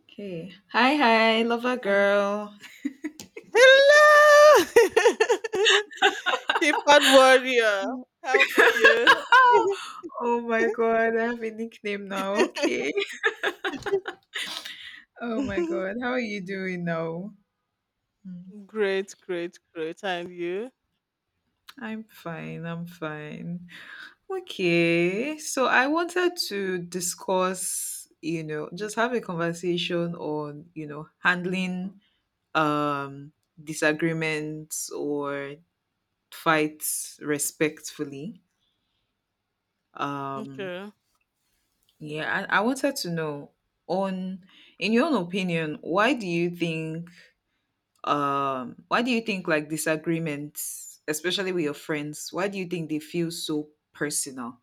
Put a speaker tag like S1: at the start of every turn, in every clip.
S1: Okay. Hi, hi, lover
S2: Um,
S1: girl.
S2: hello! Keypad warrior. How are
S1: Oh my god, I have a nickname now. Okay. Oh my
S2: you?
S1: god, how are you doing now?
S2: great, great, great. And you?
S1: I'm fine. Okay, so I wanted to discuss, you know, just have a conversation on, you know, handling um disagreements or fights respectfully. Um,
S2: Okay.
S1: Yeah, I wanted to know on in your own opinion, why do you think why do you think, like, disagreements, especially with your friends, why do you think they feel so personal?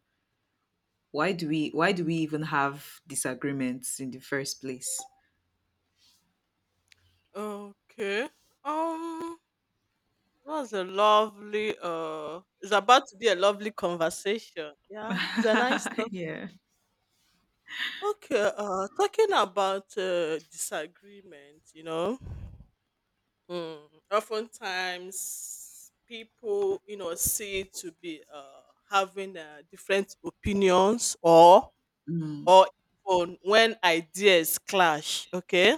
S1: Why do we even have disagreements in the first place?
S2: Okay. Um, that was a lovely It's about to be a lovely conversation. Yeah. It's a nice talk.
S1: Yeah.
S2: Okay, talking about disagreement, you know. Oftentimes, people, you know, see it to be having different opinions, or
S1: Mm,
S2: or even when ideas clash. Okay.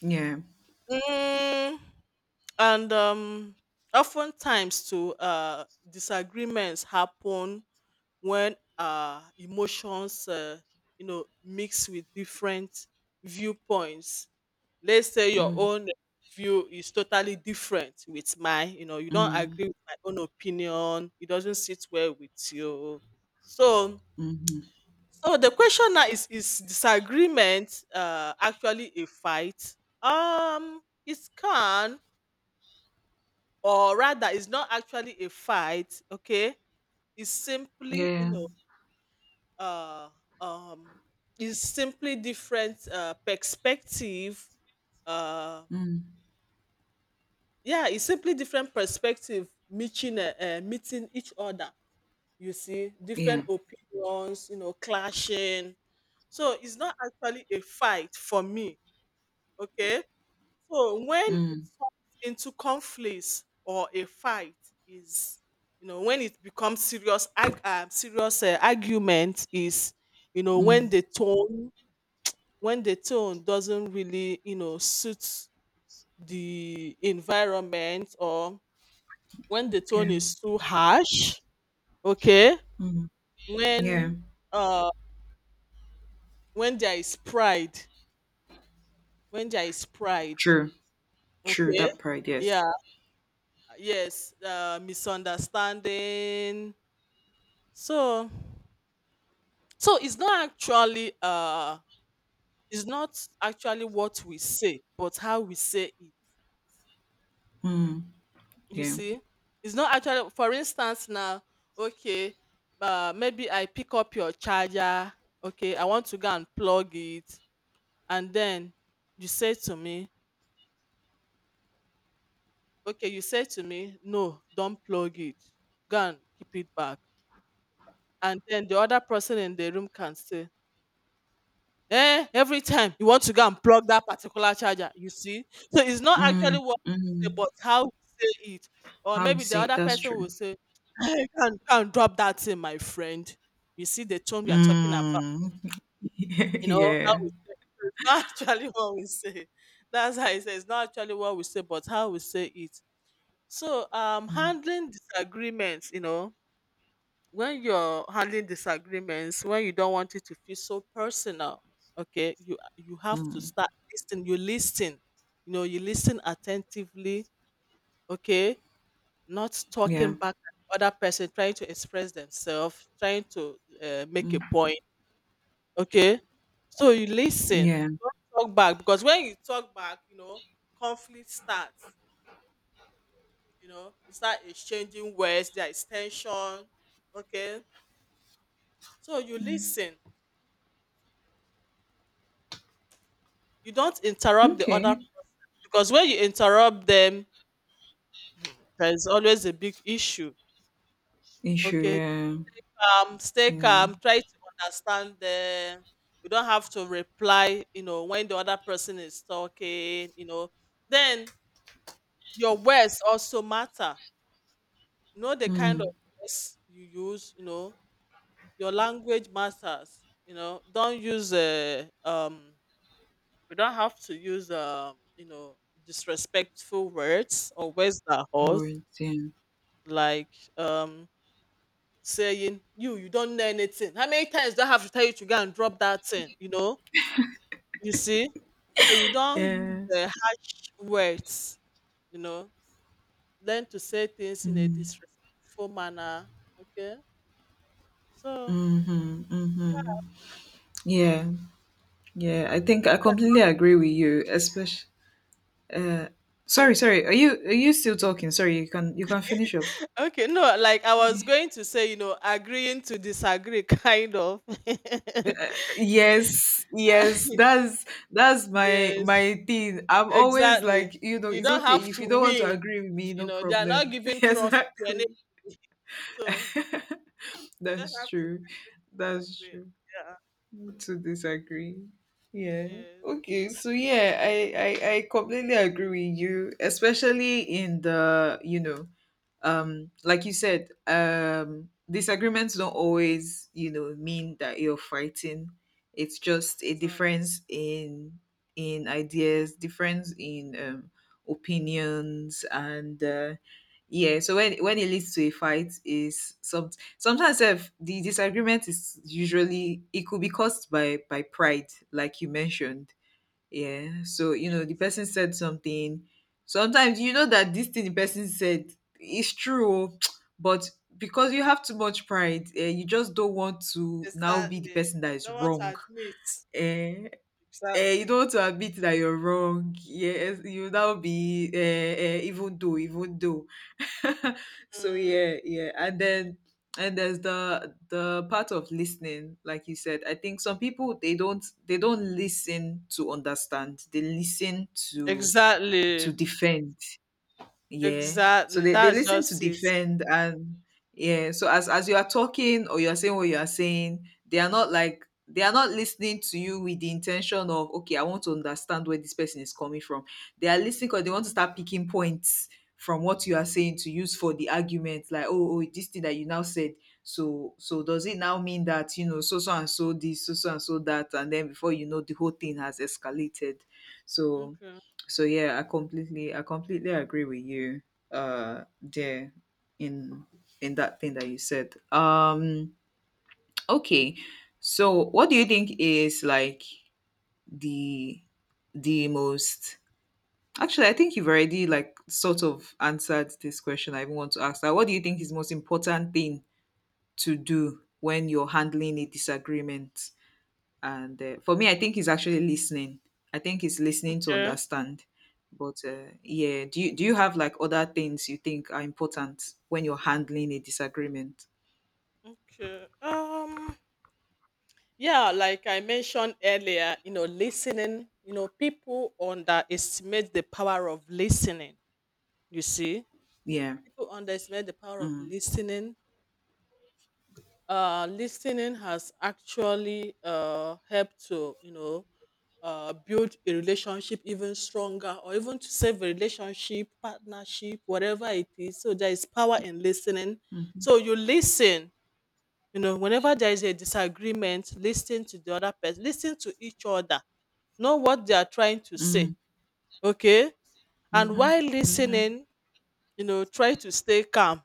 S1: yeah.
S2: Mm, and um, oftentimes, too, disagreements happen when emotions, you know, mix with different viewpoints. Let's say your
S1: Mm,
S2: own view is totally different with mine. You know, you don't
S1: mm,
S2: agree with my own opinion. It doesn't sit well with you. So,
S1: mm-hmm.
S2: so the question now is: is disagreement actually a fight? Um, it can, or rather, it's not actually a fight. Okay, it's simply you
S1: Yeah.
S2: know uh, um, is simply different perspective. Uh,
S1: Mm,
S2: yeah, it's simply different perspective meeting each other. You see,
S1: yeah.
S2: different opinions, you know, clashing. So it's not actually a fight for me. Okay, so when it
S1: Mm,
S2: turns into conflicts or a fight is, you know, when it becomes serious serious argument. Is, you know, when
S1: mm,
S2: the tone doesn't really, you know, suit the environment, or when the tone
S1: yeah.
S2: is too harsh. Okay.
S1: Mm, yeah.
S2: when uh when there is pride when there is pride.
S1: True. True.
S2: Okay,
S1: That part, yes.
S2: yeah. Yes, misunderstanding. So, so it's not actually uh it's not actually what we say, but how we say it.
S1: Mm,
S2: You
S1: yeah.
S2: see, it's not actually — for instance, now, okay, maybe I pick up your charger. Okay, I want to go and plug it. And then you say to me okay you say to me "No, don't plug it, go and keep it back." And then the other person in the room can say, "Eh, every time you want to go and plug that particular charger." You see? So it's not actually
S1: Mm,
S2: what we say,
S1: mm.
S2: but how we say it. Or
S1: How would you
S2: maybe the
S1: say it?
S2: other
S1: That's
S2: person
S1: true.
S2: will say, "Hey, can and go and drop that thing, my friend." You see the tone we are talking about,
S1: Mm.
S2: you know, how
S1: Yeah.
S2: we say it. So it's not actually what we say. That's how it says, it's not actually what we say, but how we say it. So
S1: Mm,
S2: handling disagreements, you know, when you're handling disagreements, when you don't want it to feel so personal, okay, you have to
S1: mm.
S2: start listening. You listen, you know, you listen attentively. Okay, not
S1: Yeah.
S2: talking back at the other person trying to express themselves, trying to make a
S1: Mm.
S2: point. Okay, so you listen.
S1: Yeah.
S2: Don't talk back, because when you talk back, you know, conflict starts. You know, you start exchanging words, there is tension. Okay, so you
S1: Mm.
S2: listen. You don't interrupt the other
S1: Okay.
S2: person, because when you interrupt them, hmm, there's always a big issue.
S1: Issue,
S2: Okay,
S1: yeah.
S2: calm, stay
S1: Yeah.
S2: calm, try to understand them. You don't have to reply, you know, when the other person is talking, you know. Then your words also matter. You know, the kind of
S1: Mm.
S2: words you use, you know, your language matters. You know, don't use we don't have to use you know, disrespectful words or words that hurt,
S1: Words, yeah.
S2: like, um saying, You don't know anything. How many times do I have to tell you to go and drop that thing?" You know, you see, so you don't use
S1: Yeah.
S2: the harsh words, you know. Learn to say things in a
S1: Mm,
S2: disrespectful manner. Okay. So,
S1: hmm hmm Yeah. Yeah, I think I completely agree with you, especially uh sorry,
S2: okay.
S1: sorry. Are you still talking? Sorry, you can finish up.
S2: Okay. No, like I was going to say, you know, agreeing to disagree, kind of.
S1: Yes, yes, that's that's my
S2: Yes.
S1: my thing. I'm always like,
S2: Exactly.
S1: you know,
S2: You
S1: it's
S2: don't
S1: okay
S2: have
S1: if
S2: to
S1: you don't want to
S2: win.
S1: agree with me,
S2: You
S1: no
S2: know, they are not
S1: problem.
S2: giving trophy to anybody.
S1: Exactly.
S2: So you just
S1: That's
S2: have to
S1: true. That's
S2: participate.
S1: true.
S2: Yeah.
S1: To disagree. Yeah.
S2: Yes.
S1: Okay. So yeah, I completely agree with you, especially in the, you know, like you said, disagreements don't always, you know, mean that you're fighting. It's just a
S2: Exactly.
S1: difference in ideas, difference in opinions, and yeah, so when it leads to a fight is sometimes if the disagreement is usually, it could be caused by pride, like you mentioned. Yeah. So, you know, the
S2: Yes.
S1: person said something. Sometimes you know that this thing the person said is true, oh, but because you have too much pride, eh, you just don't want to now be the
S2: Exactly.
S1: person that is
S2: Don't want to
S1: wrong.
S2: admit.
S1: Eh, eh, you
S2: Exactly.
S1: don't want to admit that you're wrong. Yes, you now be even though, even though. So
S2: Mm.
S1: yeah, yeah, and
S2: Okay.
S1: then and there's the part of listening, like you said. I think some people, they don't listen to understand. They listen to
S2: Exactly.
S1: defend. Yeah. So
S2: Exactly.
S1: they
S2: That's
S1: listen to
S2: just it.
S1: defend, and yeah. So as you are talking or you're saying what you are saying, they are not like, they are not listening to you with the intention of, okay, I want to understand where this person is coming from. They are listening because they want to
S2: Mm-hmm.
S1: start picking points from what you are saying to use for the argument, like, oh, oh, this thing that you now said. So, so does it now mean that, you know, so so and so this, so so and so that, and then before you know, the whole thing has escalated. So,
S2: Okay.
S1: so yeah, I completely agree with you, there in in that thing that you said. Okay, so what do you think is like the the most, actually, I think you've already like sort of answered this question I even want to ask, that what do you think is most important thing to do when you're handling a disagreement? And for me, I think he's actually listening. I think he's listening to
S2: Okay.
S1: understand. But yeah, do you have like other things you think are important when you're handling a disagreement?
S2: Okay. Yeah, like I mentioned earlier, you know, listening. You know, people underestimate the power of listening. You see,
S1: Yeah.
S2: people underestimate the power of
S1: Mm.
S2: listening. Listening has actually helped to, you know, build a relationship even stronger, or even to save a relationship, partnership, whatever it is. So there is power in listening.
S1: Mhm.
S2: So you listen, you know, whenever there is a disagreement, listen to the other person, listen to each other, know what they are trying to say.
S1: Mm.
S2: Okay. And
S1: Mhm.
S2: while
S1: Mhm.
S2: listening, you know, try to stay calm.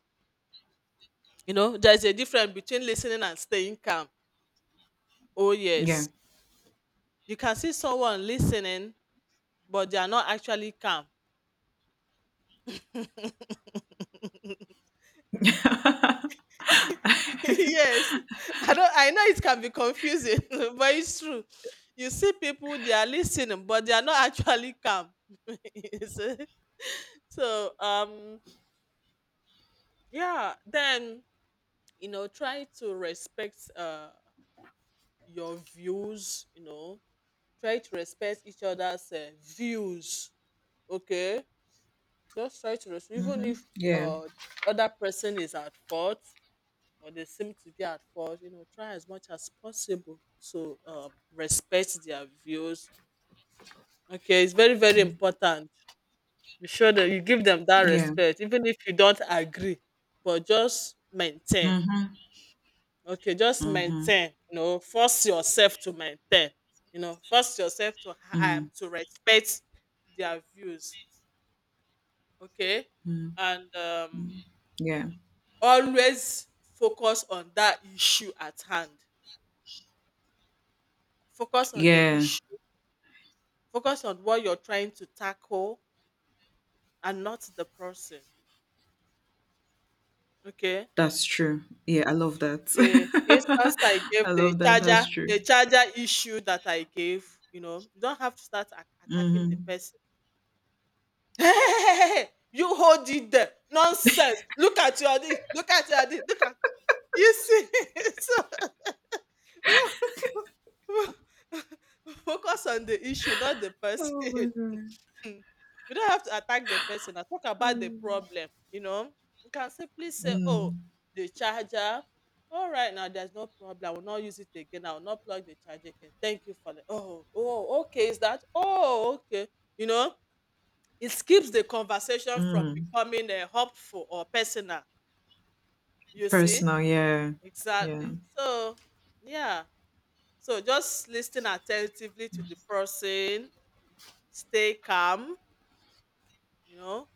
S2: You know, there's a difference between listening and staying calm. Oh,
S1: Yeah.
S2: yes. You can see someone listening, but they are not actually calm. Yes. I don't I know it can be confusing, but it's true. You see, people, they are listening, but they are not actually calm. You see? so um yeah, then, you know, try to respect your views, you know, try to respect each other's views. Okay, just try to respond, even
S1: Mm-hmm.
S2: if
S1: Yeah.
S2: uh other person is at fault, or they seem to be at fault. You know, try as much as possible to respect their views. Okay, it's very, very important. Be sure that you give them that
S1: Yeah.
S2: respect even if you don't agree, but just maintain.
S1: Mm-hmm.
S2: Okay, just
S1: Mm-hmm.
S2: maintain, you know. Force yourself to maintain, you know. Force yourself to
S1: Mm.
S2: respect their views. Okay.
S1: Mm.
S2: And
S1: Yeah.
S2: always focus on that issue at hand. Focus on the
S1: Yeah,
S2: issue. Focus on what you're trying to tackle and not the person. Okay.
S1: that's true. Yeah, I love that.
S2: The instance I gave,
S1: I love that. That's true.
S2: the charger issue that I gave, you know, you don't have to start attacking
S1: Mm-hmm.
S2: the person. Hey, you hold it there. Nonsense. Look at your this. Look at your this. Look at. Yes. So, wo- wo- wo- focus on the issue, not the person.
S1: Oh my god.
S2: You don't have to attack the person. I talk
S1: Oh
S2: about the
S1: my God.
S2: problem, you know. You can simply say, "Oh,
S1: Mm,
S2: the charger. All right, now there's no problem. I will not use it again. I will not plug the charger again. Thank you for the..." Oh, oh, okay. Is that oh okay? You know, it keeps the conversation from
S1: mm.
S2: becoming hopeful or personal, you see.
S1: Personal, yeah. Yeah.
S2: Exactly. So, yeah. So just listen attentively to the person, stay calm, you know,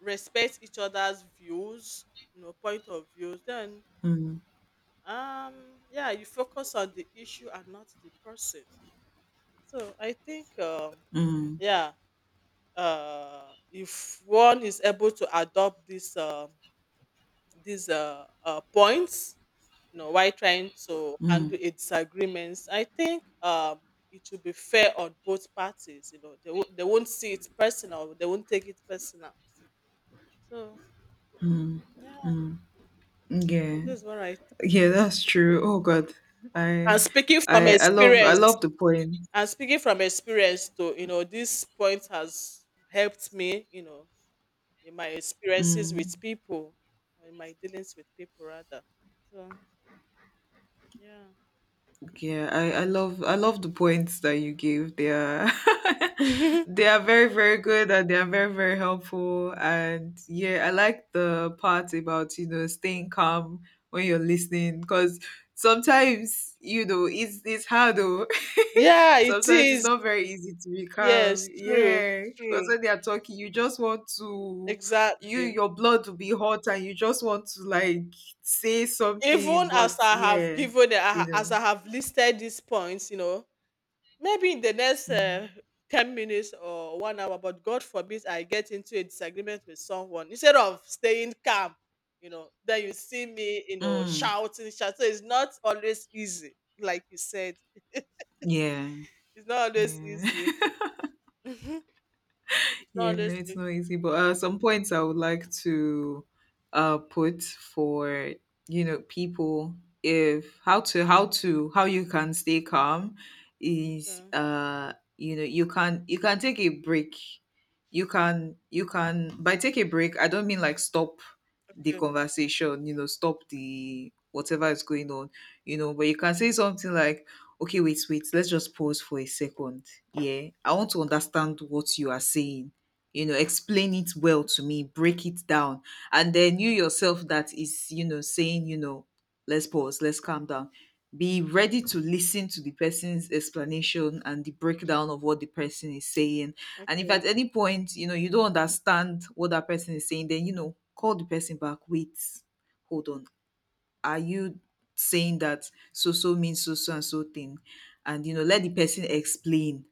S2: respect each other's views, you know, point of views. Then,
S1: Mm,
S2: um, yeah, you focus on the issue and not the person. So I think,
S1: mm,
S2: yeah, if one is able to adopt this these points, you know, while trying to handle
S1: mm.
S2: a disagreements. I think it should be fair on both parties. You know, they, they won't see it personal. They won't take it personal. So yeah,
S1: Yeah.
S2: this is what I think.
S1: Yeah, that's true. Oh God. I
S2: And speaking from
S1: I
S2: experience,
S1: love the poem.
S2: and speaking from experience, too, you know, this point has helped me. You know, in my experiences
S1: Mm.
S2: with people, or in my dealings with people rather. So
S1: Yeah, I love I love the points that you gave. They are
S2: yeah.
S1: they are very very good, and they are very very helpful. And yeah, I like the part about, you know, staying calm when you're listening, because sometimes, you know, it's hard though.
S2: Yeah, it
S1: Sometimes it's
S2: is.
S1: not very easy to be calm.
S2: Yes, true,
S1: Yeah, because
S2: true,
S1: when they are talking, you just want to
S2: exactly.
S1: your blood will be hot, and you just want to like say something,
S2: Even
S1: but
S2: as I have
S1: yeah,
S2: given,
S1: you
S2: as
S1: know.
S2: I have listed these points, you know, maybe in the next
S1: Mm.
S2: 10 minutes or 1 hour, but God forbid I get into a disagreement with someone, instead of staying calm, you know, then you see me, you know,
S1: Mm.
S2: shouting, shouting. So it's not always easy, like you said.
S1: Yeah.
S2: It's not always
S1: Yeah.
S2: easy. Mhm. It's
S1: Yeah,
S2: not always
S1: it's
S2: easy.
S1: not easy, but some points I would like to put for, you know, people if how to how to how you can stay calm is
S2: Okay,
S1: you know, you can take a break. You can you can, by take a break I don't mean like stop the
S2: okay,
S1: conversation, you know, stop the whatever is going on, you know, but you can say something like, okay, wait, wait, let's just pause for a second. Yeah, I want to understand what you are saying. You know, explain it well to me, break it down. And then you yourself that is, you know, saying, you know, let's pause, let's calm down, be ready to listen to the person's explanation and the breakdown of what the person is saying. And if
S2: okay,
S1: at any point, you know, you don't understand what that person is saying, then, you know, call the person back. Wait, hold on, are you saying that so so means so so and so thing? And you know, let the person explain,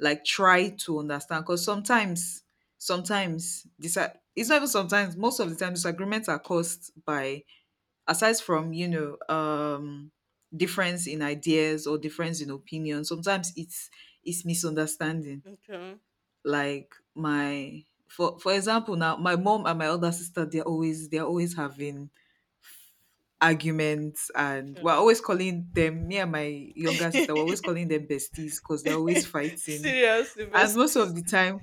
S1: like, try to understand, because sometimes this, it's not even sometimes, most of the time, disagreements are caused by, aside from, you know, difference in ideas or difference in opinion, sometimes it's misunderstanding.
S2: okay.
S1: Like my, for example, now, my mom and my older sister, they're always having arguments, and we're always calling them, me and my younger
S2: Okay.
S1: sister, we're always calling them besties, because they're always fighting.
S2: Serious,
S1: And most
S2: besties.
S1: of the time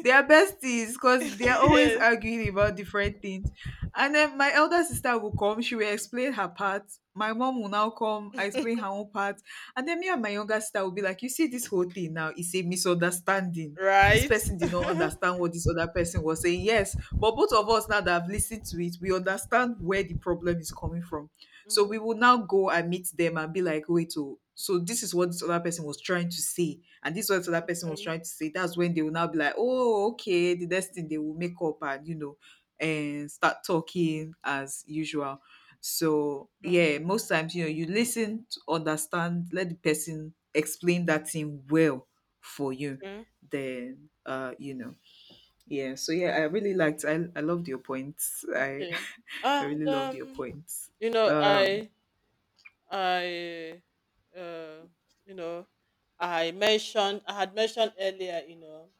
S1: they are besties because they're always
S2: Yes,
S1: arguing about different things. And then my elder sister will come, she will explain her part, my mom will now come, I explain her own part, and then me and my younger sister will be like, you see, this whole thing now is a misunderstanding. This
S2: right.
S1: person did not understand what this other person was saying. Yes, but both of us now that have listened to it, we understand where the problem is coming from. So
S2: Mhm,
S1: we would now go and meet them and be like, wait, oh, so this is what this other person was trying to say. And this is what this other person was
S2: mhm,
S1: trying to say. That's when they will now be like, oh, okay. The next thing they will make up and, you know, and start talking as usual. So
S2: mhm,
S1: yeah, most times, you know, you listen to understand, let the person explain that thing well for you.
S2: mhm,
S1: Then you know. Yeah. So yeah, I really liked, I loved your points. I
S2: okay.
S1: I really
S2: And
S1: loved your
S2: um,
S1: points.
S2: you know,
S1: Um
S2: I, uh, you know, I had mentioned earlier, you know,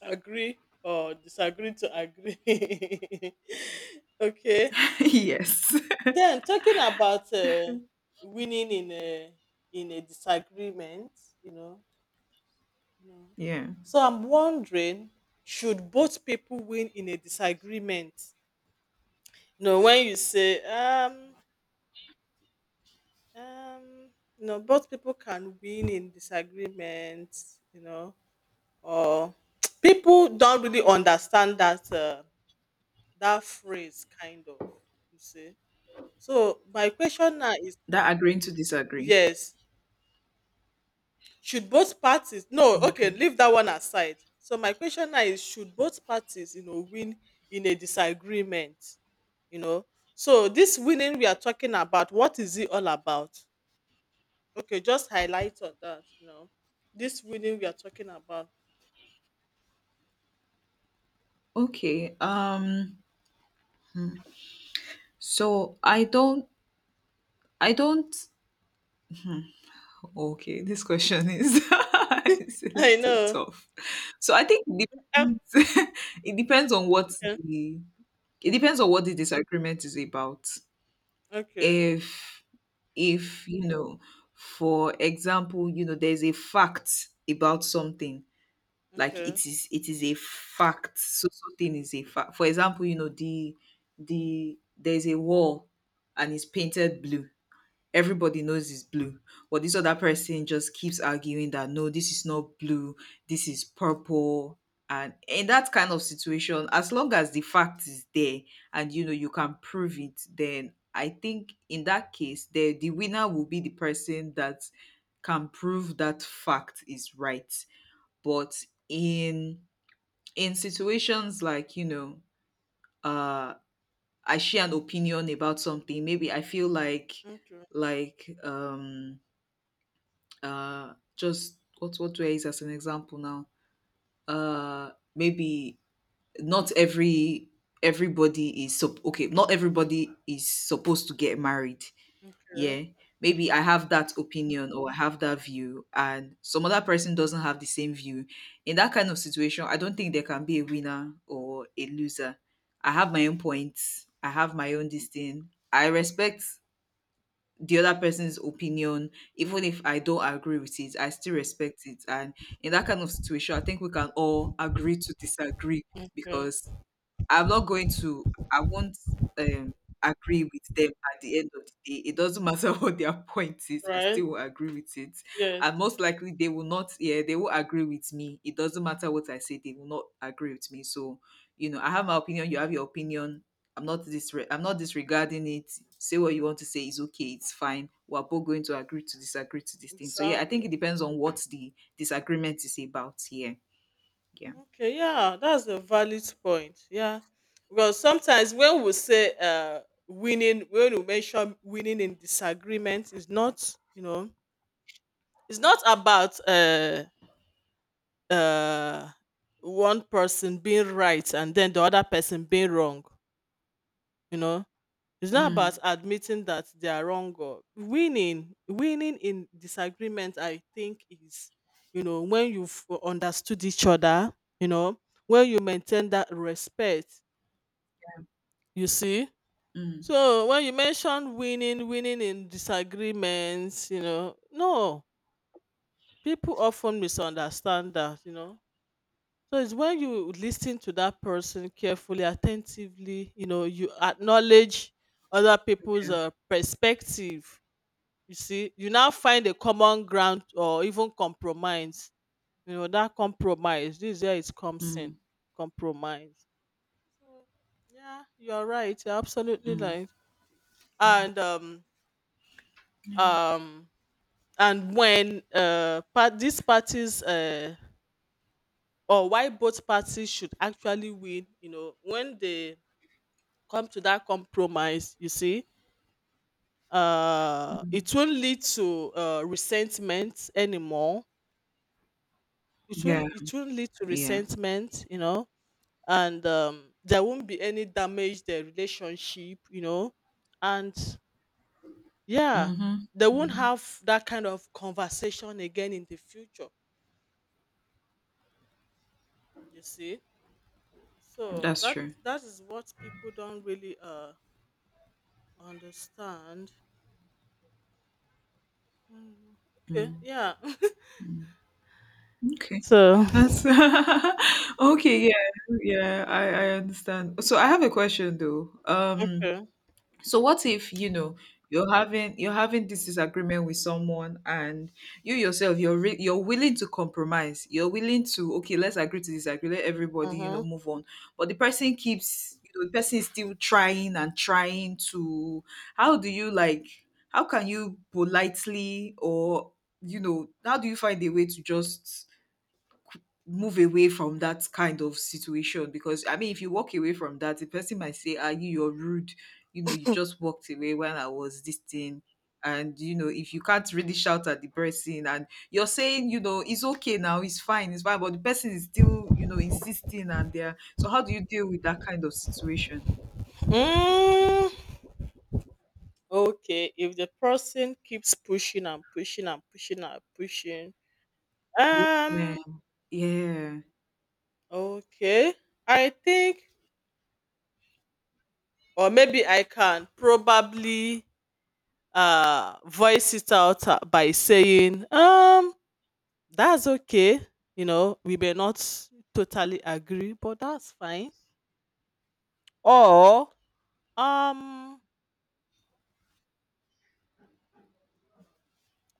S2: agree or disagree to agree. Okay.
S1: yes.
S2: Then, talking about winning in a disagreement, you know. You know.
S1: Yeah.
S2: So I'm wondering, should both people win in a disagreement? You know, when you say, um, you know, both people can win in disagreement, you know, or people don't really understand that phrase, kind of. You see. So my question now is,
S1: That agreeing to disagree.
S2: yes, should both parties — no, okay,
S1: Okay.
S2: leave that one aside. So my question now is, should both parties, you know, win in a disagreement? You know? So this winning we are talking about, what is it all about? Okay, just highlight on that, you know. This winning we are talking about.
S1: Okay. So I don't, okay, this question is it's a
S2: I
S1: little
S2: know.
S1: tough. So I think it
S2: Ah.
S1: depends, it depends on what
S2: Okay.
S1: the it depends on what the disagreement is about.
S2: Okay.
S1: If if you know, for example, you know, there's a fact about something, like
S2: Okay.
S1: it is, it is a fact, so something is a fact. For example, you know, the there's a wall, and it's painted blue, everybody knows it's blue, but this other person just keeps arguing that no, this is not blue, this is purple. And in that kind of situation, as long as the fact is there, and you know you can prove it, then I think in that case the winner will be the person that can prove that fact is right. But in in situations like, you know, uh I share an opinion about something, maybe I feel like
S2: Okay. Okay.
S1: like um just what do I use as an example now? Maybe not every, okay, not everybody is supposed to get married, yeah. Maybe I have that opinion or I have that view, and some other person doesn't have the same view. In that kind of situation, I don't think there can be a winner or a loser. I have my own points, I have my own this thing, I respect the other person's opinion,
S2: Okay.
S1: even if I don't agree with it, I still respect it. And in that kind of situation, I think we can all agree to disagree. Because
S2: Okay.
S1: I'm not going to I won't um agree with them at the end of the day. It doesn't matter what their point is, I
S2: Right.
S1: still will agree with it.
S2: Yes.
S1: And most likely they will not, yeah, they will agree with me. It doesn't matter what I say, they will not agree with me. So, you know, I have my opinion, you have your opinion. I'm not disregarding it. Say what you want to say is okay, it's fine. We're both going to agree to disagree to this thing. So yeah, I think
S2: Exactly.
S1: it depends on what the disagreement is about here. Yeah.
S2: Okay, yeah, that's a valid point. Yeah, because sometimes when we say winning, when we mention winning in disagreement, is not, you know, it's not about uh, one person being right and then the other person being wrong. You know, it's not about
S1: Mm,
S2: admitting that they are wrong or winning. Winning in disagreement, I think, is, you know, when you've understood each other. You know, when you maintain that respect. You see?
S1: mm,
S2: So when you mention winning, winning in disagreements, you know, no, people often misunderstand that, you know. So it's when you listen to that person carefully, attentively, you know, you acknowledge other people's
S1: yeah.
S2: perspective. You see, you now find a common ground or even compromise. You know, that compromise, this is where it comes in.
S1: Mm.
S2: Compromise. So, yeah, you're right. You're absolutely right. And um um and when part these parties or why both parties should actually win, you know, when they come to that compromise, you see, it won't lead to resentment anymore.
S1: Yeah,
S2: It won't lead to
S1: yeah.
S2: resentment, you know. And there won't be any damage to the relationship, you know, and yeah,
S1: Mhm.
S2: they won't
S1: Mhm.
S2: have that kind of conversation again in the future, you see. So
S1: That's
S2: that
S1: true.
S2: that is what people don't really understand. Mm. Okay,
S1: Mm,
S2: yeah.
S1: mm. Okay.
S2: So,
S1: That's okay, yeah. Yeah, I understand. So I have a question though.
S2: okay.
S1: So what if, you're having this disagreement with someone, and you yourself you're willing to compromise. You're willing to okay, let's agree to disagree. Let everybody,
S2: Uh-huh.
S1: move on. But the person keeps, the person is still trying and trying to, how do you how can you politely, or how do you find a way to just move away from that kind of situation? Because I mean, if you walk away from that, the person might say, ah, you're rude, you know, you just walked away when I was this thing. And you know, if you can't really shout at the person, and you're saying, you know, it's okay now, it's fine, it's fine, but the person is still, you know, insisting and there. So how do you deal with that kind of situation?
S2: Mm, okay. If the person keeps pushing and pushing and pushing and pushing,
S1: Yeah,
S2: um,
S1: yeah,
S2: okay. I think, or maybe I can probably voice it out by saying, that's okay. You know, we may not totally agree, but that's fine. Or um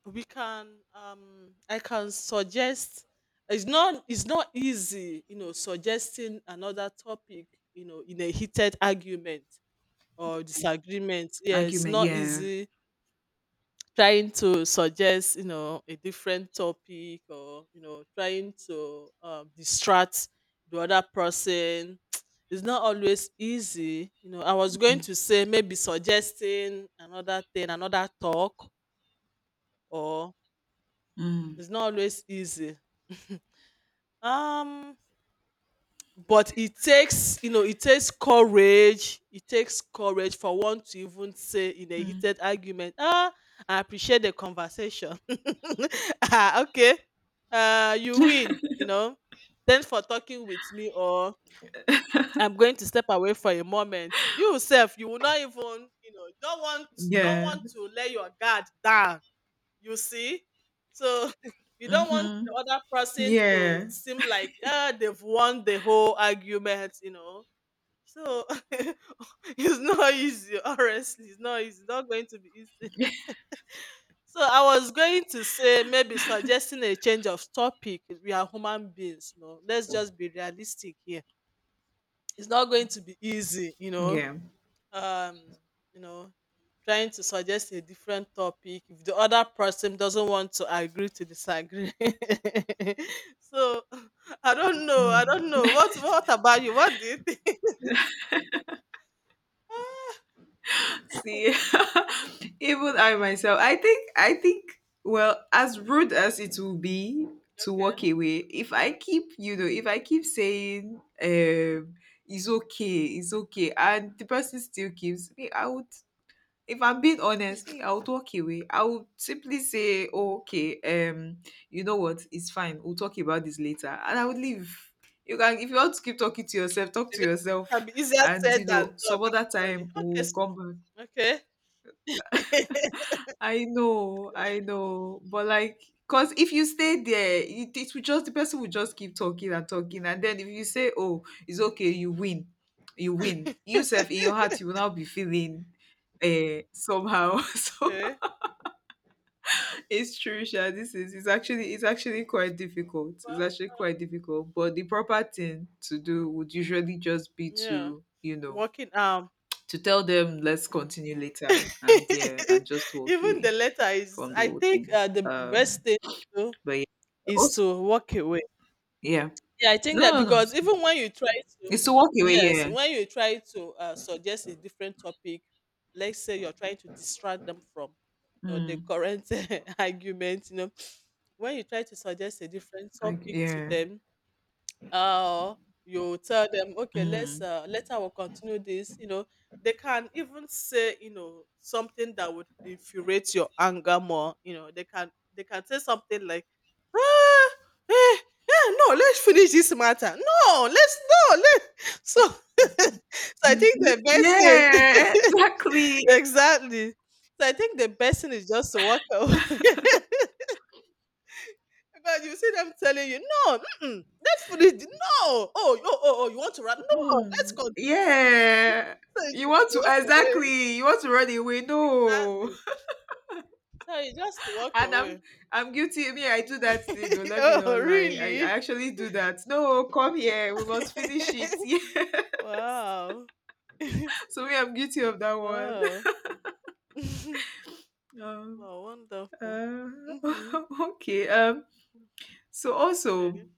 S2: we can I can suggest it's not easy, you know, suggesting another topic, you know, in a heated argument or disagreement. Yeah, it's
S1: argument,
S2: not
S1: yeah.
S2: easy trying to suggest, you know, a different topic, or, you know, trying to distract the other person. It's not always easy, you know. I was going to say maybe suggesting another thing, another talk, or
S1: Mm.
S2: it's not always easy. um But it takes, you know, it takes courage. It takes courage for one to even say in a
S1: Mm.
S2: heated argument, ah, I appreciate the conversation. Ah, okay. You win, you know. Thanks for talking with me, or I'm going to step away for a moment. You yourself, you will not even, you know, you don't
S1: Yeah.
S2: want to let your guard down, you see? So you don't want
S1: Mm-hmm.
S2: the other person to
S1: Yeah,
S2: seem like ah they've won the whole argument, you know. So it's not easy, honestly. It's not easy. It's not going to be easy. So I was going to say maybe suggesting a change of topic. We are human beings, you know. Let's just be realistic here. It's not going to be easy, you know.
S1: yeah.
S2: um you know, trying to suggest a different topic if the other person doesn't want to agree to disagree. So i don't know i
S1: Mm.
S2: don't know What about you? What do you think?
S1: See, even I myself, I think, well, as rude as it will be to
S2: Okay.
S1: walk away, if I
S2: Yeah,
S1: keep, you know, if I keep saying, um, it's okay, and the person still keeps me, I would, if I'm being honest, me, I would walk away. I would simply say, "Oh, okay, you know what, it's fine. We'll talk about this later," and I would leave. You can, if you want to keep talking to yourself, talk to
S2: can
S1: yourself,
S2: be easier
S1: and you
S2: said
S1: know,
S2: than done,
S1: some other
S2: actually.
S1: time we'll come back.
S2: Okay.
S1: I know, I know. But like, cause if you stay there, it will just, the person will just keep talking and talking, and then if you say, "Oh, it's okay, you win," yourself in your heart you will now be feeling, somehow. So
S2: Okay.
S1: it's true, Sha. This is, it's actually, it's actually quite difficult.
S2: Well,
S1: It's actually quite difficult. But the proper thing to do would usually just be
S2: yeah,
S1: to, you know,
S2: working.
S1: to tell them let's continue later, and yeah, and just walk
S2: Even
S1: away
S2: the letter is,
S1: from the
S2: I
S1: whole
S2: think,
S1: thing.
S2: the
S1: Um.
S2: best thing to do
S1: But yeah,
S2: is
S1: also,
S2: to walk away.
S1: yeah.
S2: Yeah, I think that
S1: No, no,
S2: because
S1: no.
S2: even when you try to
S1: It's to walk away.
S2: yes,
S1: Yeah.
S2: when you try to suggest a different topic, let's say you're trying to distract them from, you know, the
S1: Mm.
S2: current argument, you know, when you try to suggest a different
S1: Like
S2: topic to
S1: yeah.
S2: them, uh you tell them, okay, let's
S1: Mm.
S2: later we'll continue this, you know. They can even say, you know, something that would infuriate your anger more, you know. They can say something like ah, eh, eh, no, let's finish this matter. No, let. So so I think the best
S1: Yeah.
S2: thing.
S1: Exactly.
S2: Exactly. So I think the best thing is just to walk away. God, you see them telling you, "No, mm-mm, let's finish. No, oh, oh, oh, oh, you want to run? No, let's
S1: Mm.
S2: continue."
S1: Yeah.
S2: So you
S1: You
S2: just
S1: want to,
S2: walk away.
S1: exactly. You want to run away. No.
S2: Exactly. So you just walk
S1: And
S2: away.
S1: I'm guilty. Me, I do that. You know, let me not
S2: Oh,
S1: lie. I
S2: really?
S1: actually do that. No, come here. We must finish it. Yeah.
S2: Wow.
S1: So me, I'm guilty of that one.
S2: Wow.
S1: Um.
S2: Wow, wonderful.
S1: Uh,
S2: Hmm.
S1: okay. So also.
S2: Okay.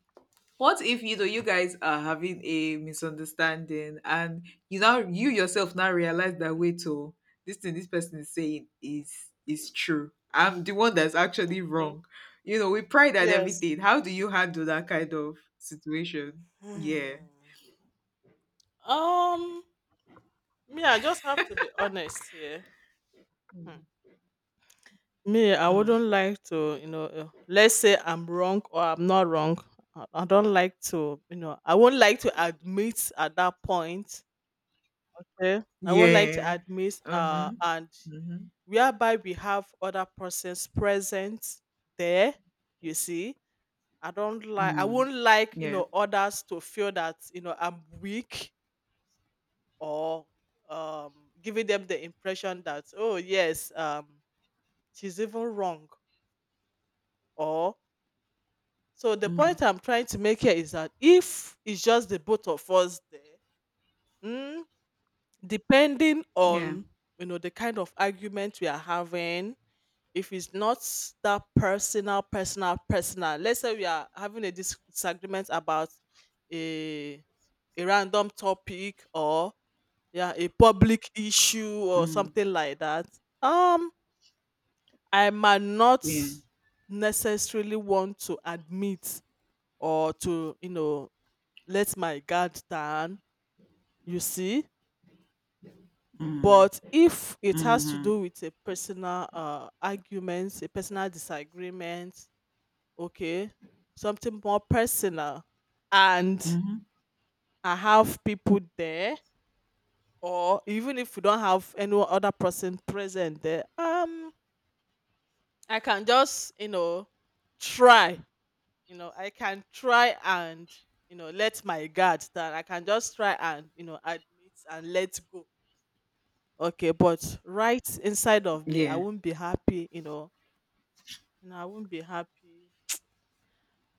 S1: What if you know you guys are having a misunderstanding, and you yourself now realize that, wait, oh, this thing this person is saying is true. I'm the one that's actually
S2: Okay.
S1: wrong. You know, we pride at
S2: Yes.
S1: everything. How do you handle that kind of situation? Yeah.
S2: Hmm. Um, yeah, I just have to be honest here. Hmm.
S1: Mm.
S2: Me, I
S1: Mm.
S2: wouldn't like to, you know, let's say I'm wrong or I'm not wrong. I don't like to, you know, I won't like to admit at that point. Okay? I won't like to
S1: Yeah.
S2: admit,
S1: Mm-hmm.
S2: and
S1: Mm-hmm.
S2: whereby we have other persons present there. You see, I don't like, I
S1: Mm,
S2: won't like, you
S1: yeah.
S2: know, others to feel that, you know, I'm weak or giving them the impression that, oh yes, she's even wrong or so the
S1: Mm,
S2: point I'm trying to make here is that if it's just the both of us there, mm, depending
S1: yeah.
S2: on, you know, the kind of argument we are having, if it's not that personal, personal, personal. Let's say we are having a disagreement about a a random topic, or yeah a public issue or
S1: Mm,
S2: something like that. Um, I might not
S1: yeah.
S2: necessarily want to admit or to, you know, let my guard down, you see.
S1: Mm,
S2: But if it has to
S1: mm-hmm,
S2: do with a personal arguments, a personal disagreement, okay, something more personal, and
S1: mm-hmm.
S2: I have people there, or even if we don't have any other person present there, I can just, you know, try, you know, I can try and, you know, let my guard down. I can just try and, you know, admit and let go. Okay, but right inside of me, I
S1: Yeah.
S2: won't be happy, you know. You know, I won't be happy.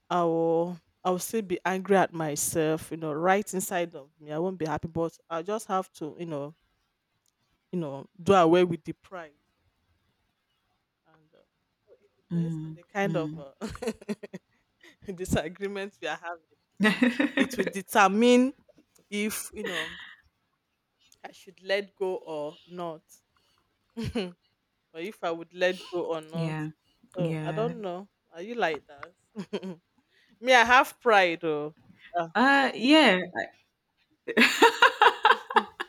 S2: I will still be angry at myself, you know, right inside of me. I won't be happy, but I just have to, you know, do away with the pride. And so it depends on
S1: Mm,
S2: the kind of disagreement we are having. So it will
S1: mm.
S2: determine if, you know, I should let go or not. Or if I would let go or not.
S1: Yeah.
S2: So I
S1: Yeah.
S2: don't know. Are you like that? Me, I have pride. Oh, ah.
S1: Uh, yeah,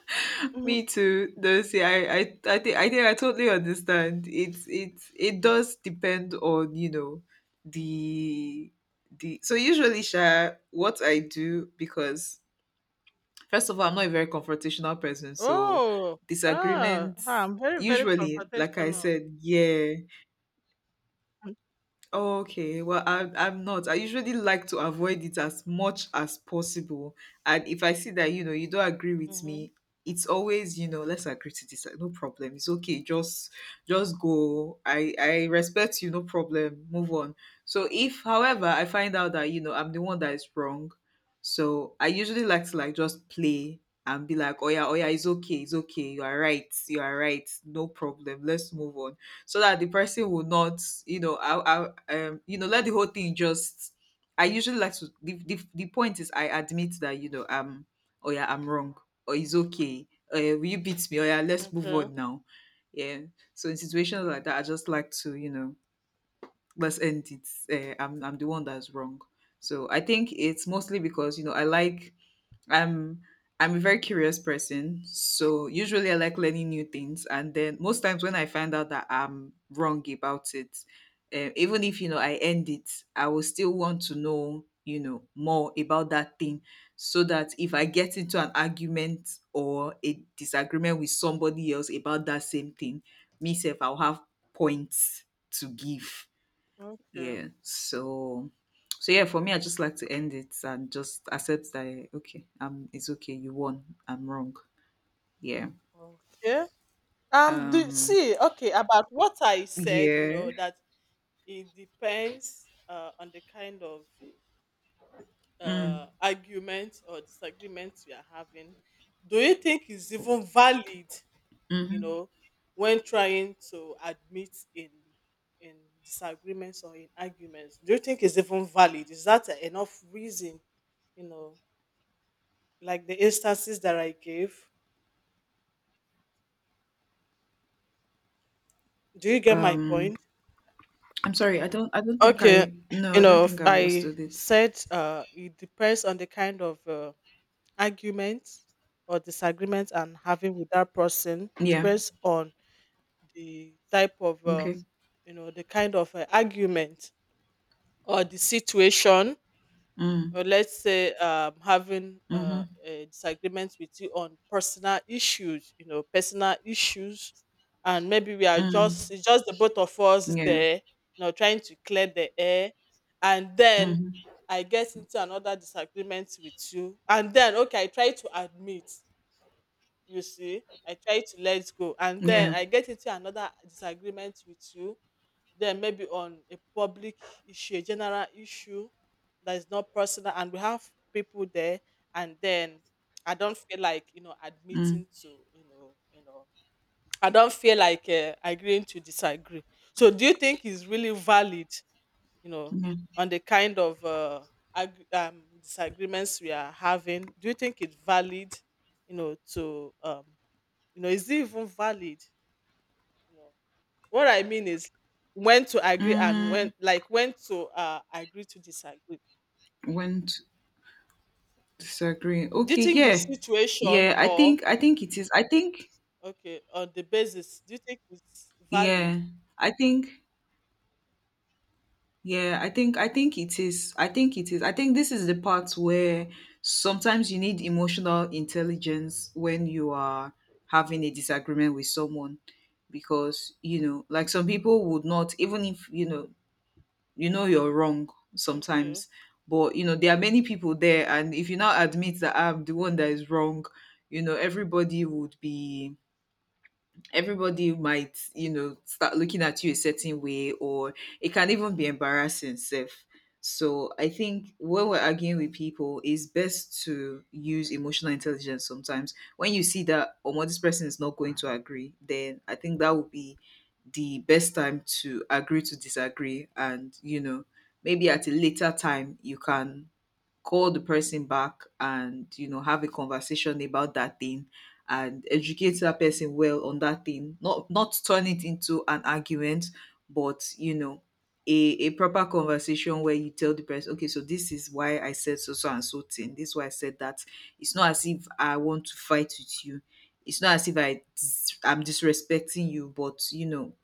S1: me too. No, see, I think, I totally understand. It's, it does depend on, you know, the the, so usually Sha, what I do, because first of all, I'm not a very confrontational person, so
S2: Oh, ah,
S1: disagreements
S2: I'm very, very
S1: usually, like I
S2: confrontational.
S1: said, yeah. Okay, well, I'm not. I usually like to avoid it as much as possible. And if I see that, you know, you don't agree with
S2: Mm-hmm.
S1: me, it's always, you know, let's agree to this. Like, no problem. It's okay. Just go. I respect you, no problem. Move on. So if however I find out that, you know, I'm the one that is wrong, so I usually like to like just play and be like, oh yeah, oh yeah, it's okay, you are right, no problem, let's move on, so that the person will not, you know, I you know, let the whole thing just, I usually like to, the point is I admit that, you know, oh yeah I'm wrong, or it's okay, will you beat me, oh yeah, let's move
S2: Okay,
S1: on now, yeah. So in situations like that, I just like to, you know, let's end it, I'm the one that's wrong. So I think it's mostly because, you know, I'm I'm a very curious person, so usually I like learning new things. And then most times when I find out that I'm wrong about it, eh, even if you know I end it, I will still want to know, you know, more about that thing, so that if I get into an argument or a disagreement with somebody else about that same thing, myself I'll have points to give,
S2: okay,
S1: yeah. So, so yeah, for me I just like to end it and just accept that, eh, okay, um, it's okay, you won. I'm wrong. Yeah.
S2: okay. Do
S1: Um,
S2: see? Okay, about what I said, you
S1: yeah.
S2: know, that it depends on the kind of
S1: Mm,
S2: argument or disagreement we are having. Do you think it's even valid, you
S1: mm-hmm.
S2: know, when trying to admit in disagreements or in arguments? Do you think it's even valid? Is that enough reason? You know, like the instances that I gave. Do you get my
S1: Um
S2: point?
S1: I'm sorry, I don't think
S2: Okay, you
S1: I don't
S2: know,
S1: think
S2: if
S1: I
S2: I
S1: understood it.
S2: said it depends on the kind of argument or disagreement I'm having with that person. It
S1: Yeah.
S2: depends on the type of,
S1: Okay.
S2: you know, the kind of argument or the situation,
S1: Mm.
S2: or let's say having
S1: Mm-hmm.
S2: a disagreement with you on personal issues, you know, personal issues, and maybe we are
S1: Mm.
S2: just it's just the both of us
S1: Yeah.
S2: there, you know, trying to clear the air. And then
S1: Mm-hmm.
S2: I get into another disagreement with you, and then okay, I try to admit, you see, I try to let go, and then
S1: Yeah.
S2: I get into another disagreement with you, then maybe on a public issue, a general issue that is not personal, and we have people there, and then I don't feel like, you know,
S1: Mm.
S2: admitting to, you know, you know, I don't feel like agreeing to disagree. So do you think is really valid, you know,
S1: Yeah.
S2: on the kind of disagreements we are having? Do you think it's valid, you know, to you know, is it even valid? What I mean is when to agree and
S1: Mm.
S2: when like when to agree to disagree.
S1: When to disagree.
S2: Do you
S1: Okay,
S2: think the
S1: yeah.
S2: situation
S1: Yeah,
S2: or
S1: I think it is. I think.
S2: okay on the basis do you think it's valid?
S1: Yeah, I think, yeah, I think it is. I think it is. I think this is the part where sometimes you need emotional intelligence when you are having a disagreement with someone, because, you know, like some people would not, even if, you know you're wrong
S2: Okay.
S1: sometimes, but, you know, there are many people there. And if you now admit that I'm the one that is wrong, you know, everybody would be everybody might, you know, start looking at you a certain way, or it can even be embarrassing self. So I think when we're arguing with people, it's best to use emotional intelligence sometimes. When you see that, oh, this person is not going to agree, then I think that would be the best time to agree to disagree. And you know, maybe at a later time you can call the person back and, you know, have a conversation about that thing and educate that person well on that thing, not turn it into an argument but, you know, a, a proper conversation where you tell the person, okay, so this is why I said so so and so thing, this is why I said that. It's not as if I want to fight with you. It's not as if I'm disrespecting you, but you know,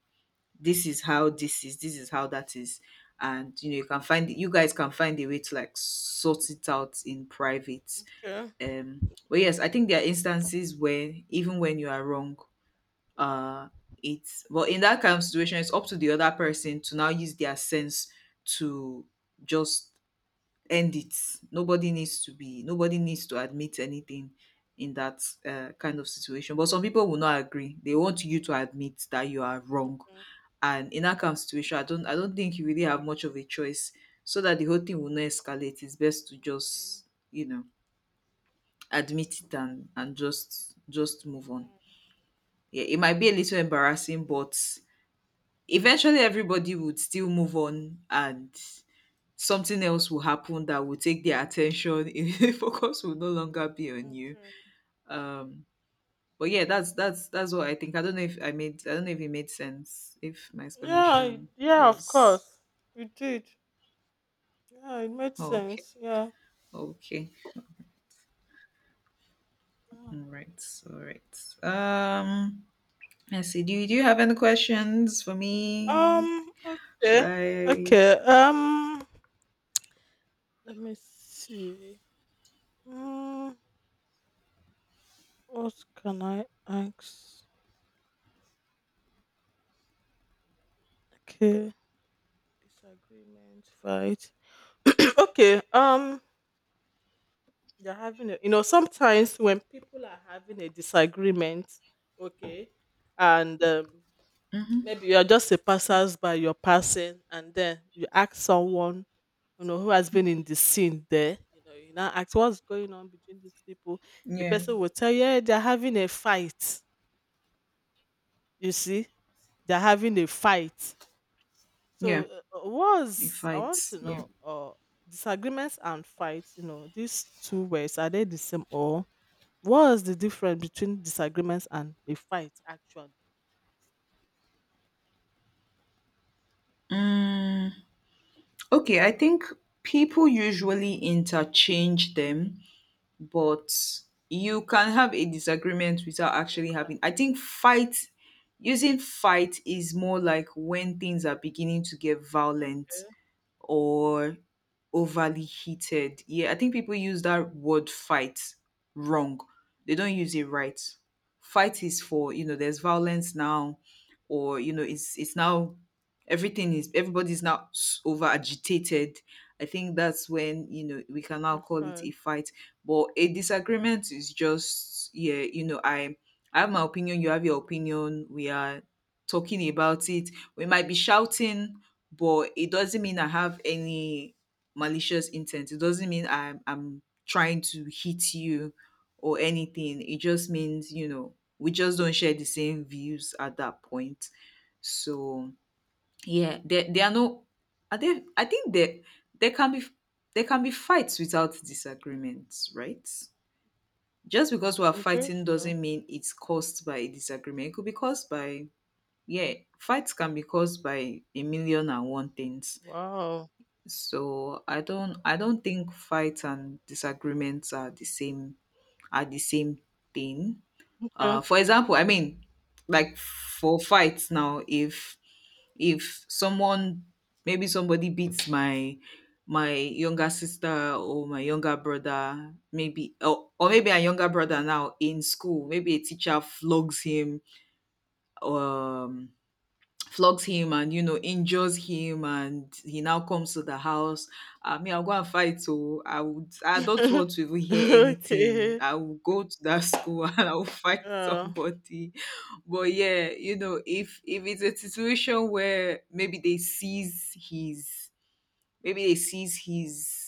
S1: this is how that is. And you know, you can find, you guys can find a way to like sort it out in private.
S2: Okay.
S1: Um, but yes, I think there are instances where even when you are wrong, uh, it's well, in that kind of situation it's up to the other person to now use their sense to just end it. Nobody needs to be nobody needs to admit anything in that, kind of situation, but some people will not agree, they want you to admit that you are wrong.
S2: Okay.
S1: And in that kind of situation, I don't think you really have much of a choice, so that the whole thing will not escalate. It's best to
S2: Okay.
S1: just, you know, admit it and just
S2: Oh,
S1: move on.
S2: no.
S1: Yeah, it might be a little embarrassing, but eventually everybody would still move on, and something else will happen that will take their attention. The focus will no longer be on you.
S2: Okay.
S1: Um, but yeah, that's what I think. I don't know if I made, I don't know if it made sense, if my
S2: Yeah, it-
S1: explanation
S2: yeah, of
S1: was
S2: course. It did. Yeah, it made
S1: okay.
S2: sense. Yeah.
S1: Okay.
S2: Yeah.
S1: All right. All right. Um, let's see, do you have any questions for me? Should
S2: Okay.
S1: I?
S2: Okay. Let me see. Mm, what can I ask? Okay. Disagreement, fight. Okay. They're having a, you know, sometimes when people are having a disagreement, okay, and
S1: Mhm.
S2: maybe you're just a passersby, you're passing, and then you ask someone, you know, who has been in the scene there, you know, you now ask what's going on between these people. The
S1: Yeah,
S2: person will tell you, yeah, they're having a fight. You see, they're having a fight. So
S1: yeah, a
S2: what's I
S1: fight,
S2: want to
S1: yeah.
S2: know disagreements and fights, you know, these two words, are they the same, or what's the difference between disagreements and a fight, actually?
S1: Mm, okay, I think people usually interchange them, but you can have a disagreement without
S2: You're
S1: actually
S2: fine.
S1: having, I think, fight. Using fight is more like when things are beginning to get violent or overly heated. Yeah, I think people use that word fight wrong. They don't use it right. Fight is for, you know, there's violence now, or you know, it's now everything is, everybody's now over agitated. I think that's when, you know, we can now
S2: You're
S1: call it a
S2: fine.
S1: fight. But a disagreement is just, yeah, you know, I have my opinion, you have your opinion. We are talking about it. We might be shouting, but it doesn't mean I have any malicious intent. It doesn't mean I'm trying to hit you or anything. It just means, you know, we just don't share the same views at that point. So yeah, there are no are there I think there can be there can be fights without disagreements, right? Just because we are
S2: You think
S1: fighting
S2: so?
S1: doesn't mean it's caused by a disagreement. It could be caused by. Yeah, fights can be caused by a million and one things.
S2: Wow.
S1: So I don't think fights and disagreements are the same are the same thing.
S2: Okay.
S1: For example, I mean, like, for fights now, if someone, maybe somebody beats my younger sister or my younger brother, maybe or maybe a younger brother now in school, maybe a teacher flogs him. Um Flogs him and, injures him, and he now comes to the house. I mean, I'll go and fight. So I don't want to even hear anything.
S2: Okay.
S1: I will go to that school and I'll fight
S2: Yeah.
S1: somebody. But yeah, you know, if it's a situation where maybe they seize his,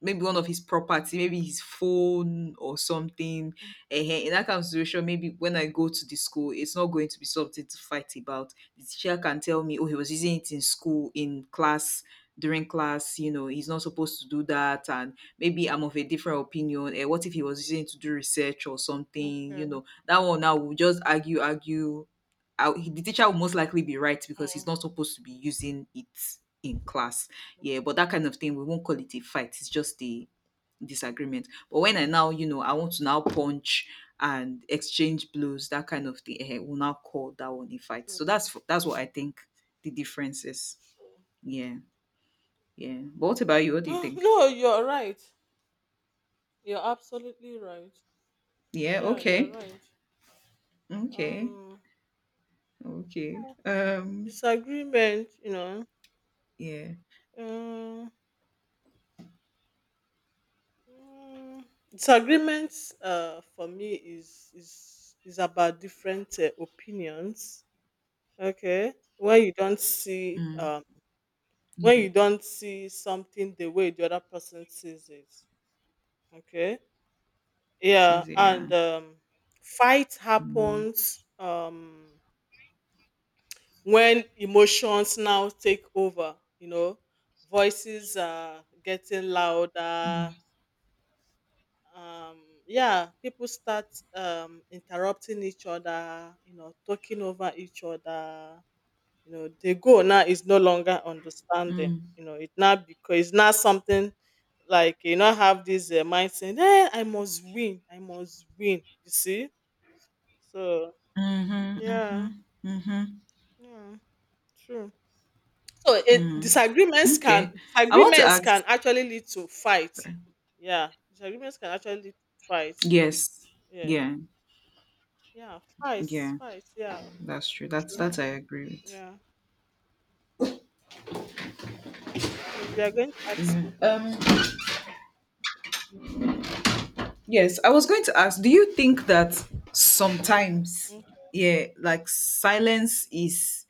S1: maybe one of his property, maybe his phone or something. Ehen, in that kind of situation, maybe when I go to the school, it's not going to be something to fight about. The teacher can tell me, oh, he was using it in school, in class, during class, you know, he's not supposed to do that. And maybe I'm of a different opinion. Eh, what if he was using it to do research or something? You
S2: Okay.
S1: know, that one now will just argue, argue. The teacher will most likely be right because he's
S2: Mm,
S1: not supposed to be using it in class. Yeah, but that kind of thing we won't call it a fight. It's just a disagreement. But when I now, you know, I want to now punch and exchange blows, that kind of thing, eh, we'll now call that one a fight.
S2: true.
S1: So that's what I think the difference is.
S2: True.
S1: Yeah. Yeah, but what about you? What do you
S2: Ah,
S1: think?
S2: no, you're right. You're absolutely right.
S1: Yeah.
S2: Yeah, you're
S1: Okay.
S2: right.
S1: Okay.
S2: Um,
S1: Okay, um,
S2: disagreement. You
S1: yeah.
S2: know. Mm, disagreements, for me, is about different opinions. Okay, when you don't see
S1: Mm,
S2: when
S1: yeah,
S2: you don't see something the way the other person sees it. Okay,
S1: it's
S2: yeah, and
S1: easier.
S2: fight
S1: Yeah. Mm.
S2: happens when emotions now take over. You know, voices are getting
S1: Mm.
S2: louder. Yeah, people start interrupting each other, you know, talking over each other. You know, the goal now is no longer understanding.
S1: Mm.
S2: You know it now, because it's not something like, you know, have this mind saying, hey, I must win, I must win, you see. So
S1: Mm-hmm, mm-hmm,
S2: yeah.
S1: mm-hmm.
S2: Yeah, true. So
S1: Mm. Okay, I want to
S2: disagreements can
S1: ask.
S2: actually lead to fight. Yeah, disagreements can actually lead to fight.
S1: Yes.
S2: Yes.
S1: Yeah.
S2: Yeah,
S1: Yeah.
S2: yeah,
S1: That's true. That's
S2: true.
S1: that I agree
S2: Yeah. So you are going to ask something.
S1: with. Yes, I was going to ask, do you think that sometimes,
S2: Okay.
S1: yeah, like silence is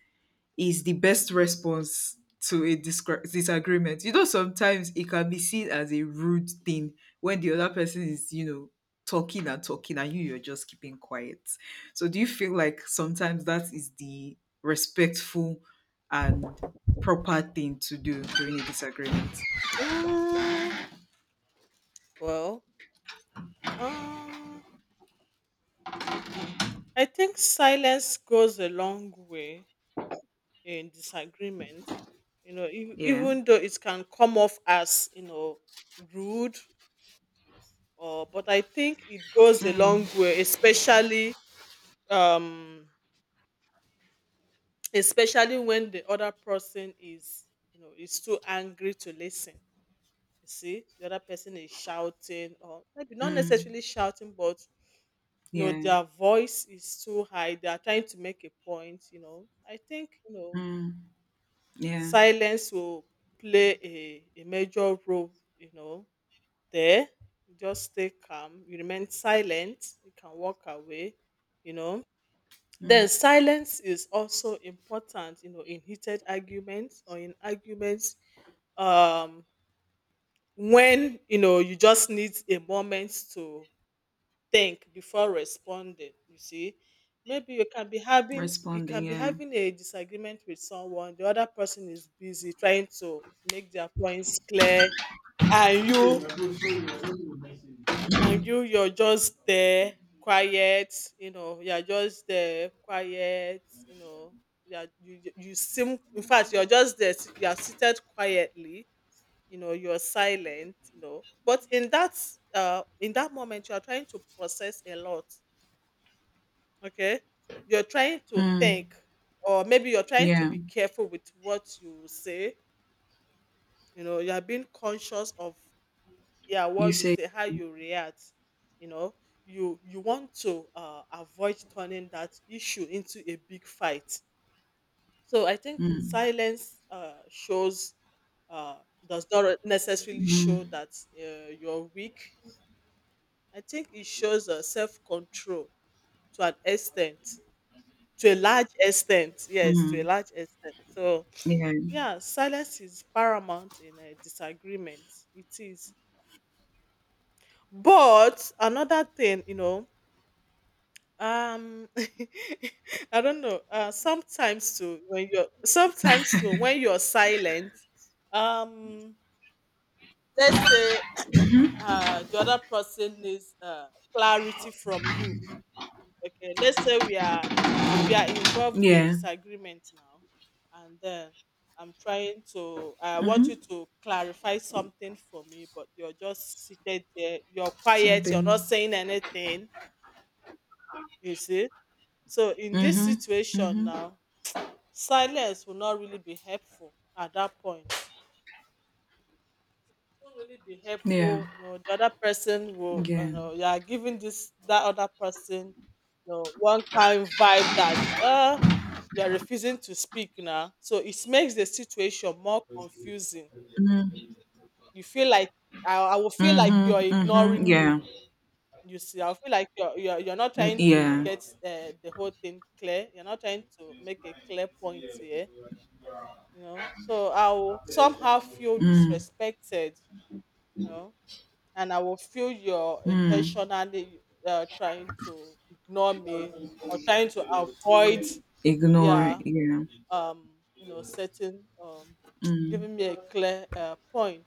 S1: is the best response to a disagreement. You know, sometimes it can be seen as a rude thing when the other person is, you know, talking and talking and you're just keeping quiet. So, do you feel like sometimes that is the respectful and proper thing to do during a disagreement?
S2: Mm, well, um, I think silence goes a long way in disagreement. You know,
S1: Yeah.
S2: even though it can come off as, you know, rude or, but I think it goes a long way, especially um especially when the other person is, you know, is too angry to listen. You see, the other person is shouting, or maybe not
S1: Mm.
S2: necessarily shouting, but you know,
S1: Yeah.
S2: their voice is too high. They are trying to make a point, you know. I think, you know,
S1: Mm. Yeah.
S2: silence will play a major role, you know, there. You just stay calm, you remain silent, you can walk away, you know. Then
S1: Mm.
S2: silence is also important, you know, in heated arguments or in arguments um when you know you just need a moment to think before responding, you see. Maybe you can be having,
S1: Responding. Yeah.
S2: a disagreement with someone, the other person is busy trying to make their points clear, and you and you you're just there, quiet, you know, you seem, in fact you're just there, you're seated quietly, you know, you're silent, you know, but in that moment you're trying to process a lot. Okay, you're trying to
S1: Mm.
S2: think, or maybe you're trying to
S1: Yeah.
S2: be careful with what you say. You know, you're being conscious of, yeah,
S1: You
S2: what you
S1: say.
S2: say, how you react, you know. You want to avoid turning that issue into a big fight. So I think
S1: Mm.
S2: silence shows uh, does not necessarily show
S1: Mm.
S2: that you're weak. I think it shows self control, to an extent, to a large extent. Yes, to a
S1: Mm.
S2: large extent. So,
S1: Yeah.
S2: yeah, silence is paramount in a disagreement. It is. But another thing, you know, um, I don't know. Sometimes too, when you're silent, um, let's say the other person needs clarity from you. Okay, let's say we are, involved in a
S1: Yeah.
S2: disagreement now, and then I'm trying to, I want you to clarify something for me, but you're just seated there, you're quiet, you're not
S1: Something.
S2: saying anything, you see. So in this
S1: Mhm.
S2: situation now, silence will not really be helpful at that point, won't really be
S1: Yeah.
S2: helpful. You know, the other person will,
S1: Yeah.
S2: you know, you are giving this that other person, you know, one kind vibe that you are refusing to speak now, so it makes the situation more confusing.
S1: Mm.
S2: You feel like, I will feel like you're
S1: Mhm. Mhm.
S2: ignoring me,
S1: Yeah.
S2: you see. I feel like you're not
S1: Mm,
S2: trying to
S1: yeah.
S2: get the whole thing clear, you're not trying to make a clear point here. You know, so I will somehow feel
S1: Mm.
S2: disrespected, you know, and I will feel you're
S1: Mm.
S2: intentionally trying to ignore me or trying to avoid,
S1: Ignore.
S2: yeah,
S1: Yeah.
S2: um, you know, setting,
S1: Mm.
S2: giving me a clear point.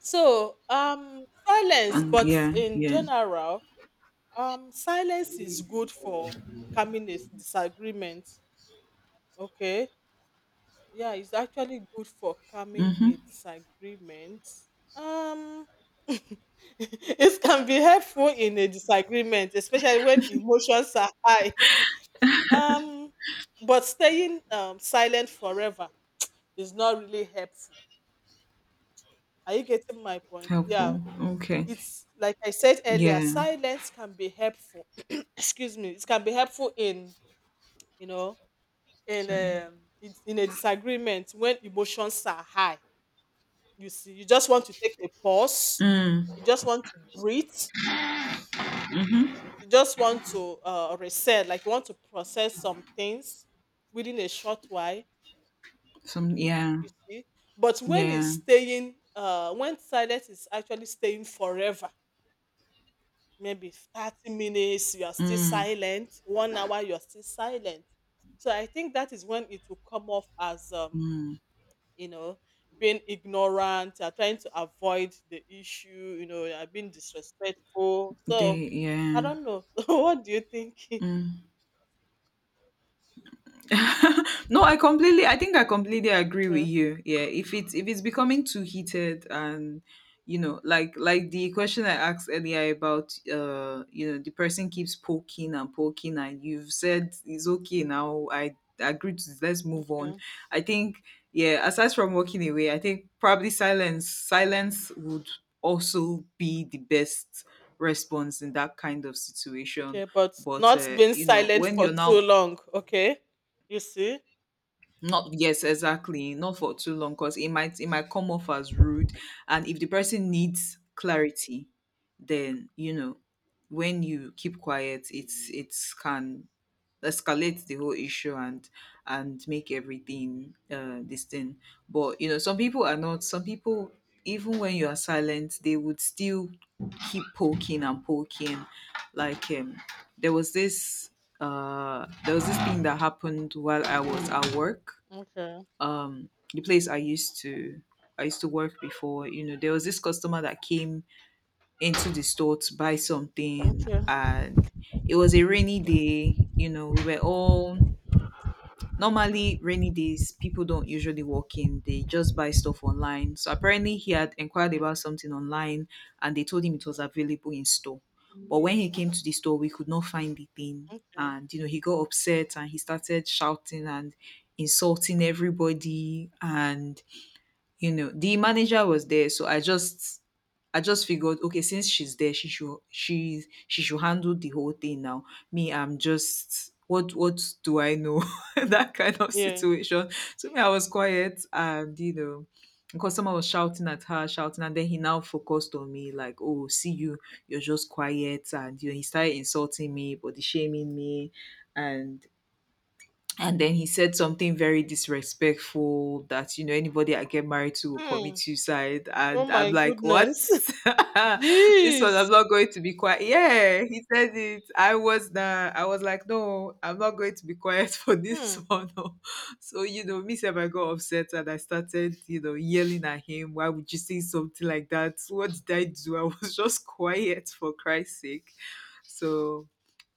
S2: So, silence,
S1: And
S2: but
S1: yeah.
S2: in
S1: Yeah.
S2: general, silence is good for calming disagreement. Okay. Yeah, it's actually good for calming
S1: Mhm.
S2: a disagreement. Um, it can be helpful in a disagreement, especially when emotions are high. Um, but staying silent forever is not really helpful. Are you getting my point? Yeah.
S1: Helpful. Okay.
S2: It's like I said earlier,
S1: Yeah.
S2: silence can be helpful. Excuse me. It can be helpful in, you know, in
S1: Sorry.
S2: um, in a disagreement when emotions are high. You see, you just want to take a pause.
S1: Mm.
S2: You just want to breathe. You just want to reset, like you want to process some things within a short while. You
S1: Some. Yeah.
S2: see, but when it's
S1: Yeah.
S2: staying, when silence is actually staying forever, maybe 30 minutes, you are still
S1: Mm.
S2: silent. 1 hour, you are still silent. So I think that is when it will come off as
S1: Mm.
S2: you know, being ignorant, you are trying to avoid the issue, you know, you are being disrespectful. So
S1: They. Yeah.
S2: I don't know. So what do you think?
S1: Mm. No, I think I completely agree with
S2: Yeah.
S1: you. Yeah. If it's becoming too
S2: Mm,
S1: heated and, you know, like the question I asked earlier about, you know, the person keeps poking and poking, and you've said it's okay now, I agree to this, let's move on.
S2: okay.
S1: I think, yeah, aside from walking away, I think probably silence would also be the best response in that kind of situation.
S2: Okay, but
S1: But
S2: not being
S1: you know,
S2: silent
S1: when
S2: for
S1: you're
S2: too
S1: now,
S2: long, okay? You see?
S1: not, yes, exactly, not for too long because it might come off as rude. And if the person needs clarity, then, you know, when you keep quiet, it's can escalate the whole issue, and make everything, this thing. But you know, some people are not. Some people, even when you are silent, they would still keep poking and poking. Like, there was this there was this thing that happened while I was at work.
S2: Okay.
S1: Um, the place I used to work before. You know, there was this customer that came into the store to buy something,
S2: Okay.
S1: and it was a rainy day. You know, we were all. Normally, rainy days, people don't usually walk in, they just buy stuff online. So apparently, he had inquired about something online and they told him it was available in store. But when he came to the store, we could not find the thing.
S2: Okay.
S1: And, you know, he got upset and he started shouting and insulting everybody. And you know the manager was there, so I just figured, okay, since she's there, she should handle the whole thing now. Me, I'm just, what do I know? That kind of
S2: Yeah.
S1: situation. So me, I was quiet. And you know, because someone was shouting at her, shouting, and then he now focused on me like, oh, see you, you're just quiet. And you know he started insulting me, body shaming me, and then he said something very disrespectful, that, you know, anybody I get married to will commit
S2: Hmm.
S1: suicide.
S2: Oh
S1: And I'm
S2: my
S1: like, what?
S2: goodness.
S1: This one,
S2: Jeez.
S1: I'm not going to be quiet. Yeah, he said it. I was like, no, I'm not going to be quiet for this
S2: Hmm.
S1: one. Oh. So, you know, me sef, I got upset and I started, you know, yelling at him. Why would you say something like that? What did I do? I was just quiet for Christ's sake. So,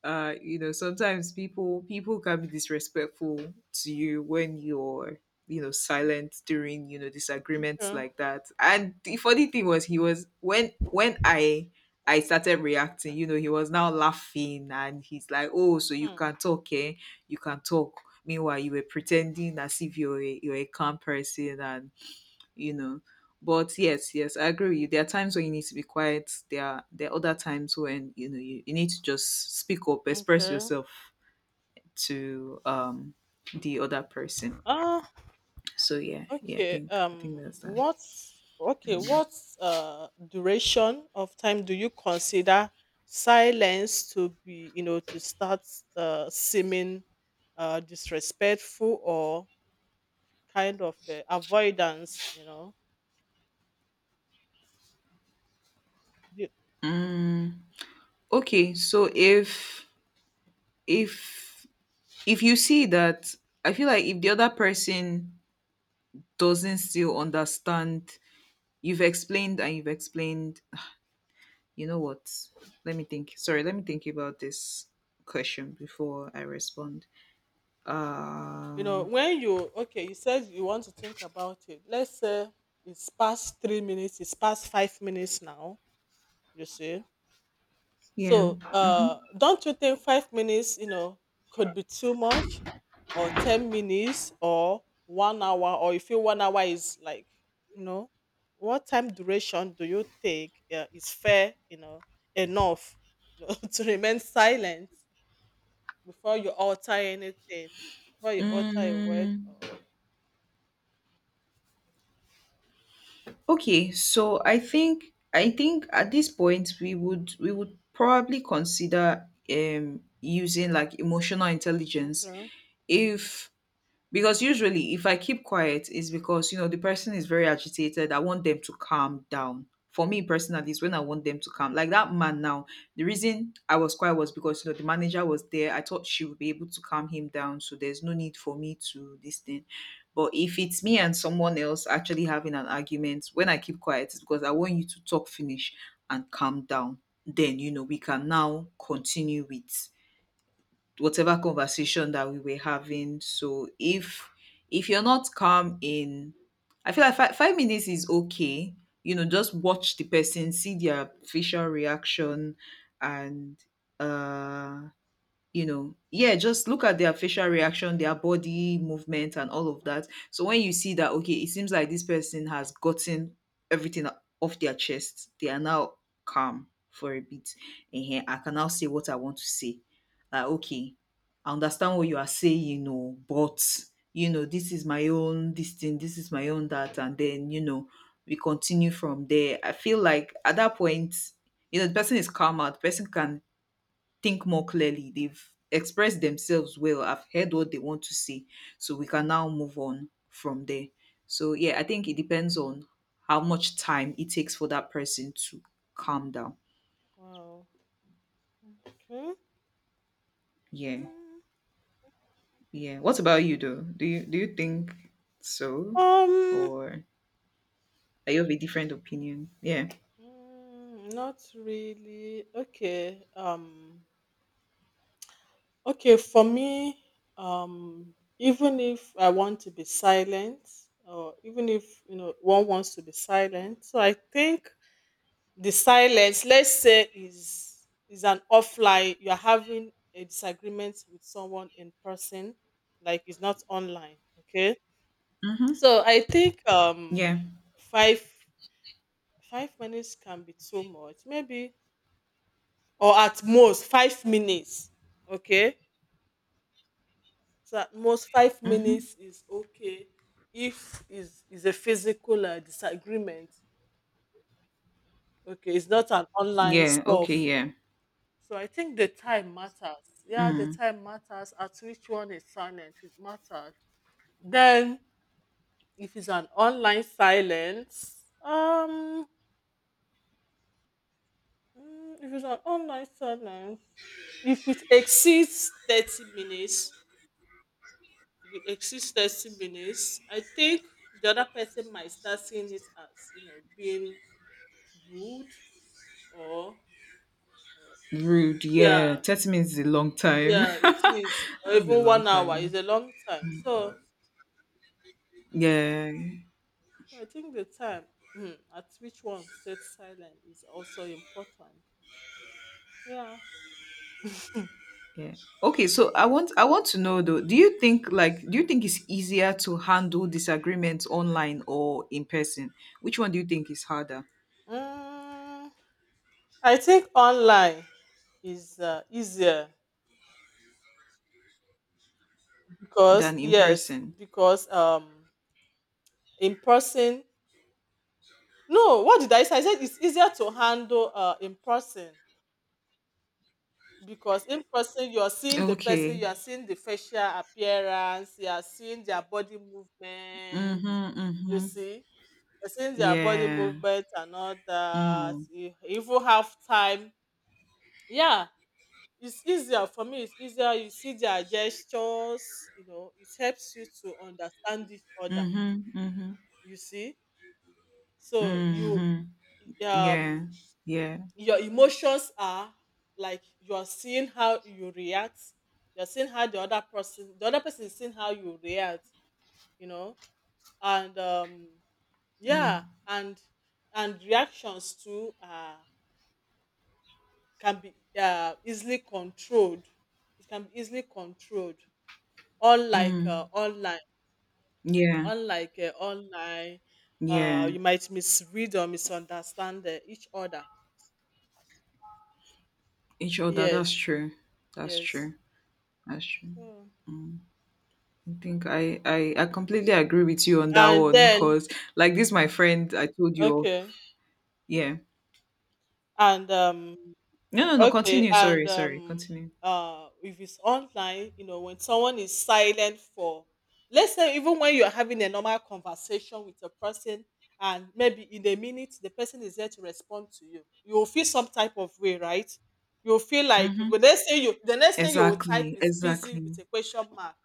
S1: uh, you know, sometimes people can be disrespectful to you when you're, you know, silent during, you know, disagreements
S2: Okay.
S1: like that. And the funny thing was, he was when I started reacting. You know, he was now laughing, and he's like, oh, so you
S2: Hmm.
S1: can talk, eh? You can talk, meanwhile you were pretending as if you're a calm person and, you know. But yes, yes, I agree with you. There are times when you need to be quiet. There are other times when, you know, you need to just speak up, express
S2: Okay.
S1: yourself to, um, the other person.
S2: Ah.
S1: So yeah, yeah, I
S2: Okay.
S1: think I think
S2: Um,
S1: that's that.
S2: what's okay? What's duration of time do you consider silence to be, you know, to start seeming disrespectful or kind of avoidance? You know. You,
S1: Okay, so if if you see that, I feel like if the other person doesn't still understand, you've explained and you've explained, you know what? Let me think. Sorry, let me think about this question before I respond.
S2: you know
S1: Uh,
S2: when you, okay. You said you want to think about it. Let's say it's past 3 minutes. It's past 5 minutes now. You see.
S1: yeah.
S2: So, don't you think 5 minutes, you know, could be too much, or 10 minutes, or 1 hour, or you feel 1 hour is like, you know, what time duration do you think is fair, you know, enough, you know, to remain silent before you alter anything, before you alter a word?
S1: Mm,
S2: Or
S1: okay, so I think at this point, we would probably consider, um, using like emotional intelligence.
S2: okay,
S1: If, because usually if I keep quiet, it's because, you know, the person is very agitated. I want them to calm down. For me personally, it's when I want them to calm, like that man now, the reason I was quiet was because, you know, the manager was there, I thought she would be able to calm him down, so there's no need for me to this thing. But if it's me and someone else actually having an argument, when I keep quiet, it's because I want you to talk finish and calm down. Then, you know, we can now continue with whatever conversation that we were having. So if you're not calm in, I feel like five minutes is okay. You know, just watch the person, see their facial reaction, and, uh, you know, yeah, just look at their facial reaction, their body movement, and all of that. So when you see that, okay, it seems like this person has gotten everything off their chest, they are now calm for a bit, and here I can now say what I want to say. Like, okay, I understand what you are saying, you know, but you know this is my own, this thing, this is my own, that. And then, you know, we continue from there. I feel like at that point, you know, the person is calm out, the person can think more clearly, they've expressed themselves well, I've heard what they want to say, so we can now move on from there. So yeah, I think it depends on how much time it takes for that person to calm down.
S2: wow, okay.
S1: Yeah.
S2: Mm.
S1: Yeah, what about you though? Do you think so,
S2: Um,
S1: or are you of a different opinion? Yeah.
S2: mm, not really. Okay. Okay, for me, even if I want to be silent, or even if you know one wants to be silent, so I think the silence, let's say, is an offline. You are having a disagreement with someone in person, like it's not online. Okay,
S1: Mm-hmm.
S2: so I think
S1: Yeah.
S2: five five minutes can be too much, maybe, or at most 5 minutes. Okay, so at most five
S1: Mm-hmm.
S2: minutes is okay if is a physical disagreement, okay, it's not an online
S1: Yeah. Okay.
S2: stuff.
S1: Yeah.
S2: So I think the time matters. Yeah, the
S1: Mm.
S2: time matters, at which one is silent, it matters. Then if it's an online silence, mm, if it's an online silence, if it exceeds 30 minutes, if it exceeds 30 minutes I think the other person might start seeing it as, you know, being rude or,
S1: Rude.
S2: yeah,
S1: Yeah, 30 minutes is a long time.
S2: yeah, it is, or
S1: That's a
S2: even
S1: long
S2: 1 hour
S1: time.
S2: is a long time. So
S1: Yeah.
S2: I think the time, mm, at which one stays silent is also important. Yeah.
S1: Yeah. Okay, so I want to know though, do you think, like, do you think it's easier to handle disagreements online or in person? Which one do you think is harder
S2: Mm, I think online is easier because,
S1: than in
S2: yes,
S1: person?
S2: because in person, no, what did I say? I said it's easier to handle in person, because in person you're seeing the person,
S1: Okay.
S2: you are seeing the facial appearance, you are seeing their body movement,
S1: Mm-hmm.
S2: you
S1: Mm-hmm.
S2: see, you're seeing their body
S1: Yeah.
S2: movement and all that,
S1: Mm.
S2: you even have time, yeah. It's easier for me, it's easier, you see their gestures, you know, it helps you to understand each other,
S1: Mm-hmm. Mm-hmm.
S2: you see. So you,
S1: Mm-hmm. Yeah.
S2: um
S1: Yeah.
S2: your emotions are like you are seeing how you react you're seeing how the other person is seeing how you react you know and yeah,
S1: Mm.
S2: and reactions too, can be easily controlled, it can be easily controlled, unlike
S1: Mm.
S2: online,
S1: Yeah.
S2: unlike uh, online
S1: Yeah.
S2: you might misread or misunderstand each other.
S1: Each other, that's
S2: Yes.
S1: true. That's
S2: Yes.
S1: true. That's true.
S2: So,
S1: I think I completely agree with you on that
S2: and
S1: one
S2: then,
S1: because, like, this my friend I told you of.
S2: okay,
S1: Yeah.
S2: and
S1: No,
S2: okay,
S1: continue,
S2: and
S1: sorry, continue.
S2: if it's online, you know, when someone is silent for, let's say, even when you're having a normal conversation with a person, and maybe in a minute the person is there to respond to you, you will feel some type of way, right? You'll feel like when
S1: Mm-hmm.
S2: they say you, the next thing you will type
S1: Exactly,
S2: is busy with
S1: exactly.
S2: a question mark.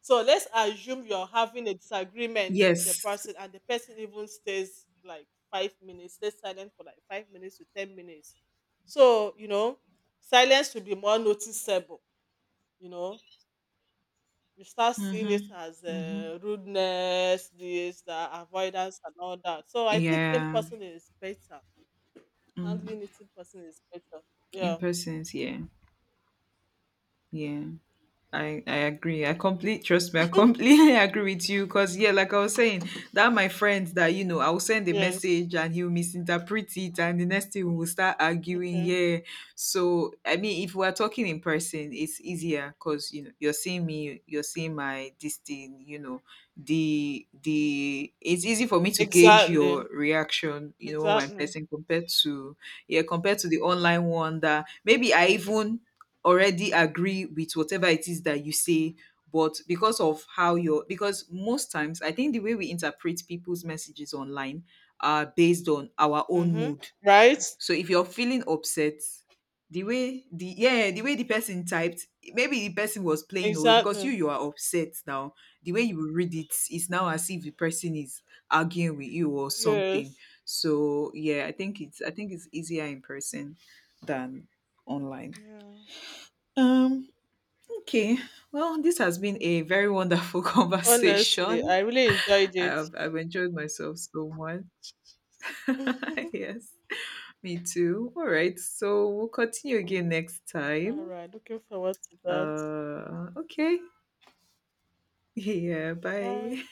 S2: So let's assume you're having a disagreement with a
S1: Yes.
S2: person, and the person even stays like 5 minutes, stays silent for like 5 minutes to 10 minutes. So, you know, silence will be more noticeable. You know, you start seeing
S1: Mm-hmm.
S2: it as
S1: Mm-hmm.
S2: rudeness, this, that, avoidance, and all that. So I think in
S1: Yeah.
S2: person is better.
S1: Mm.
S2: Handling it in person is better.
S1: In
S2: Yeah.
S1: persons, yeah. Yeah. I agree. I completely, trust me. I completely agree with you because, yeah, like I
S2: Mm.
S1: was saying, that my friend that, you know, I will send a
S2: Yes.
S1: message and he'll misinterpret it, and the next thing we'll start arguing.
S2: Okay.
S1: Yeah, so I mean, if we're talking in person, it's easier because you know you're seeing me, you're seeing my this thing. You know, the it's easy for me to gauge
S2: Exactly.
S1: your reaction. You know, when
S2: Exactly.
S1: person compared to, yeah, compared to the online one, that maybe I even already agree with whatever it is that you say, but because of how you're, because most times I think the way we interpret people's messages online are based on our own
S2: Mm-hmm.
S1: mood.
S2: Right?
S1: So if you're feeling upset, the way the, yeah, the way the person typed, maybe the person was playing away because
S2: Exactly.
S1: you are upset now, the way you read it is now as if the person is arguing with you or something.
S2: Yes.
S1: So yeah, I think it's easier in person than online.
S2: Yeah.
S1: Um, okay. Well, this has been a very wonderful
S2: Honestly,
S1: conversation.
S2: I really enjoyed it.
S1: I've enjoyed myself so much. Yes, me too. All right. So we'll continue again next
S2: All
S1: time.
S2: right. Looking forward to that.
S1: Okay. Yeah.
S2: Bye.
S1: Bye.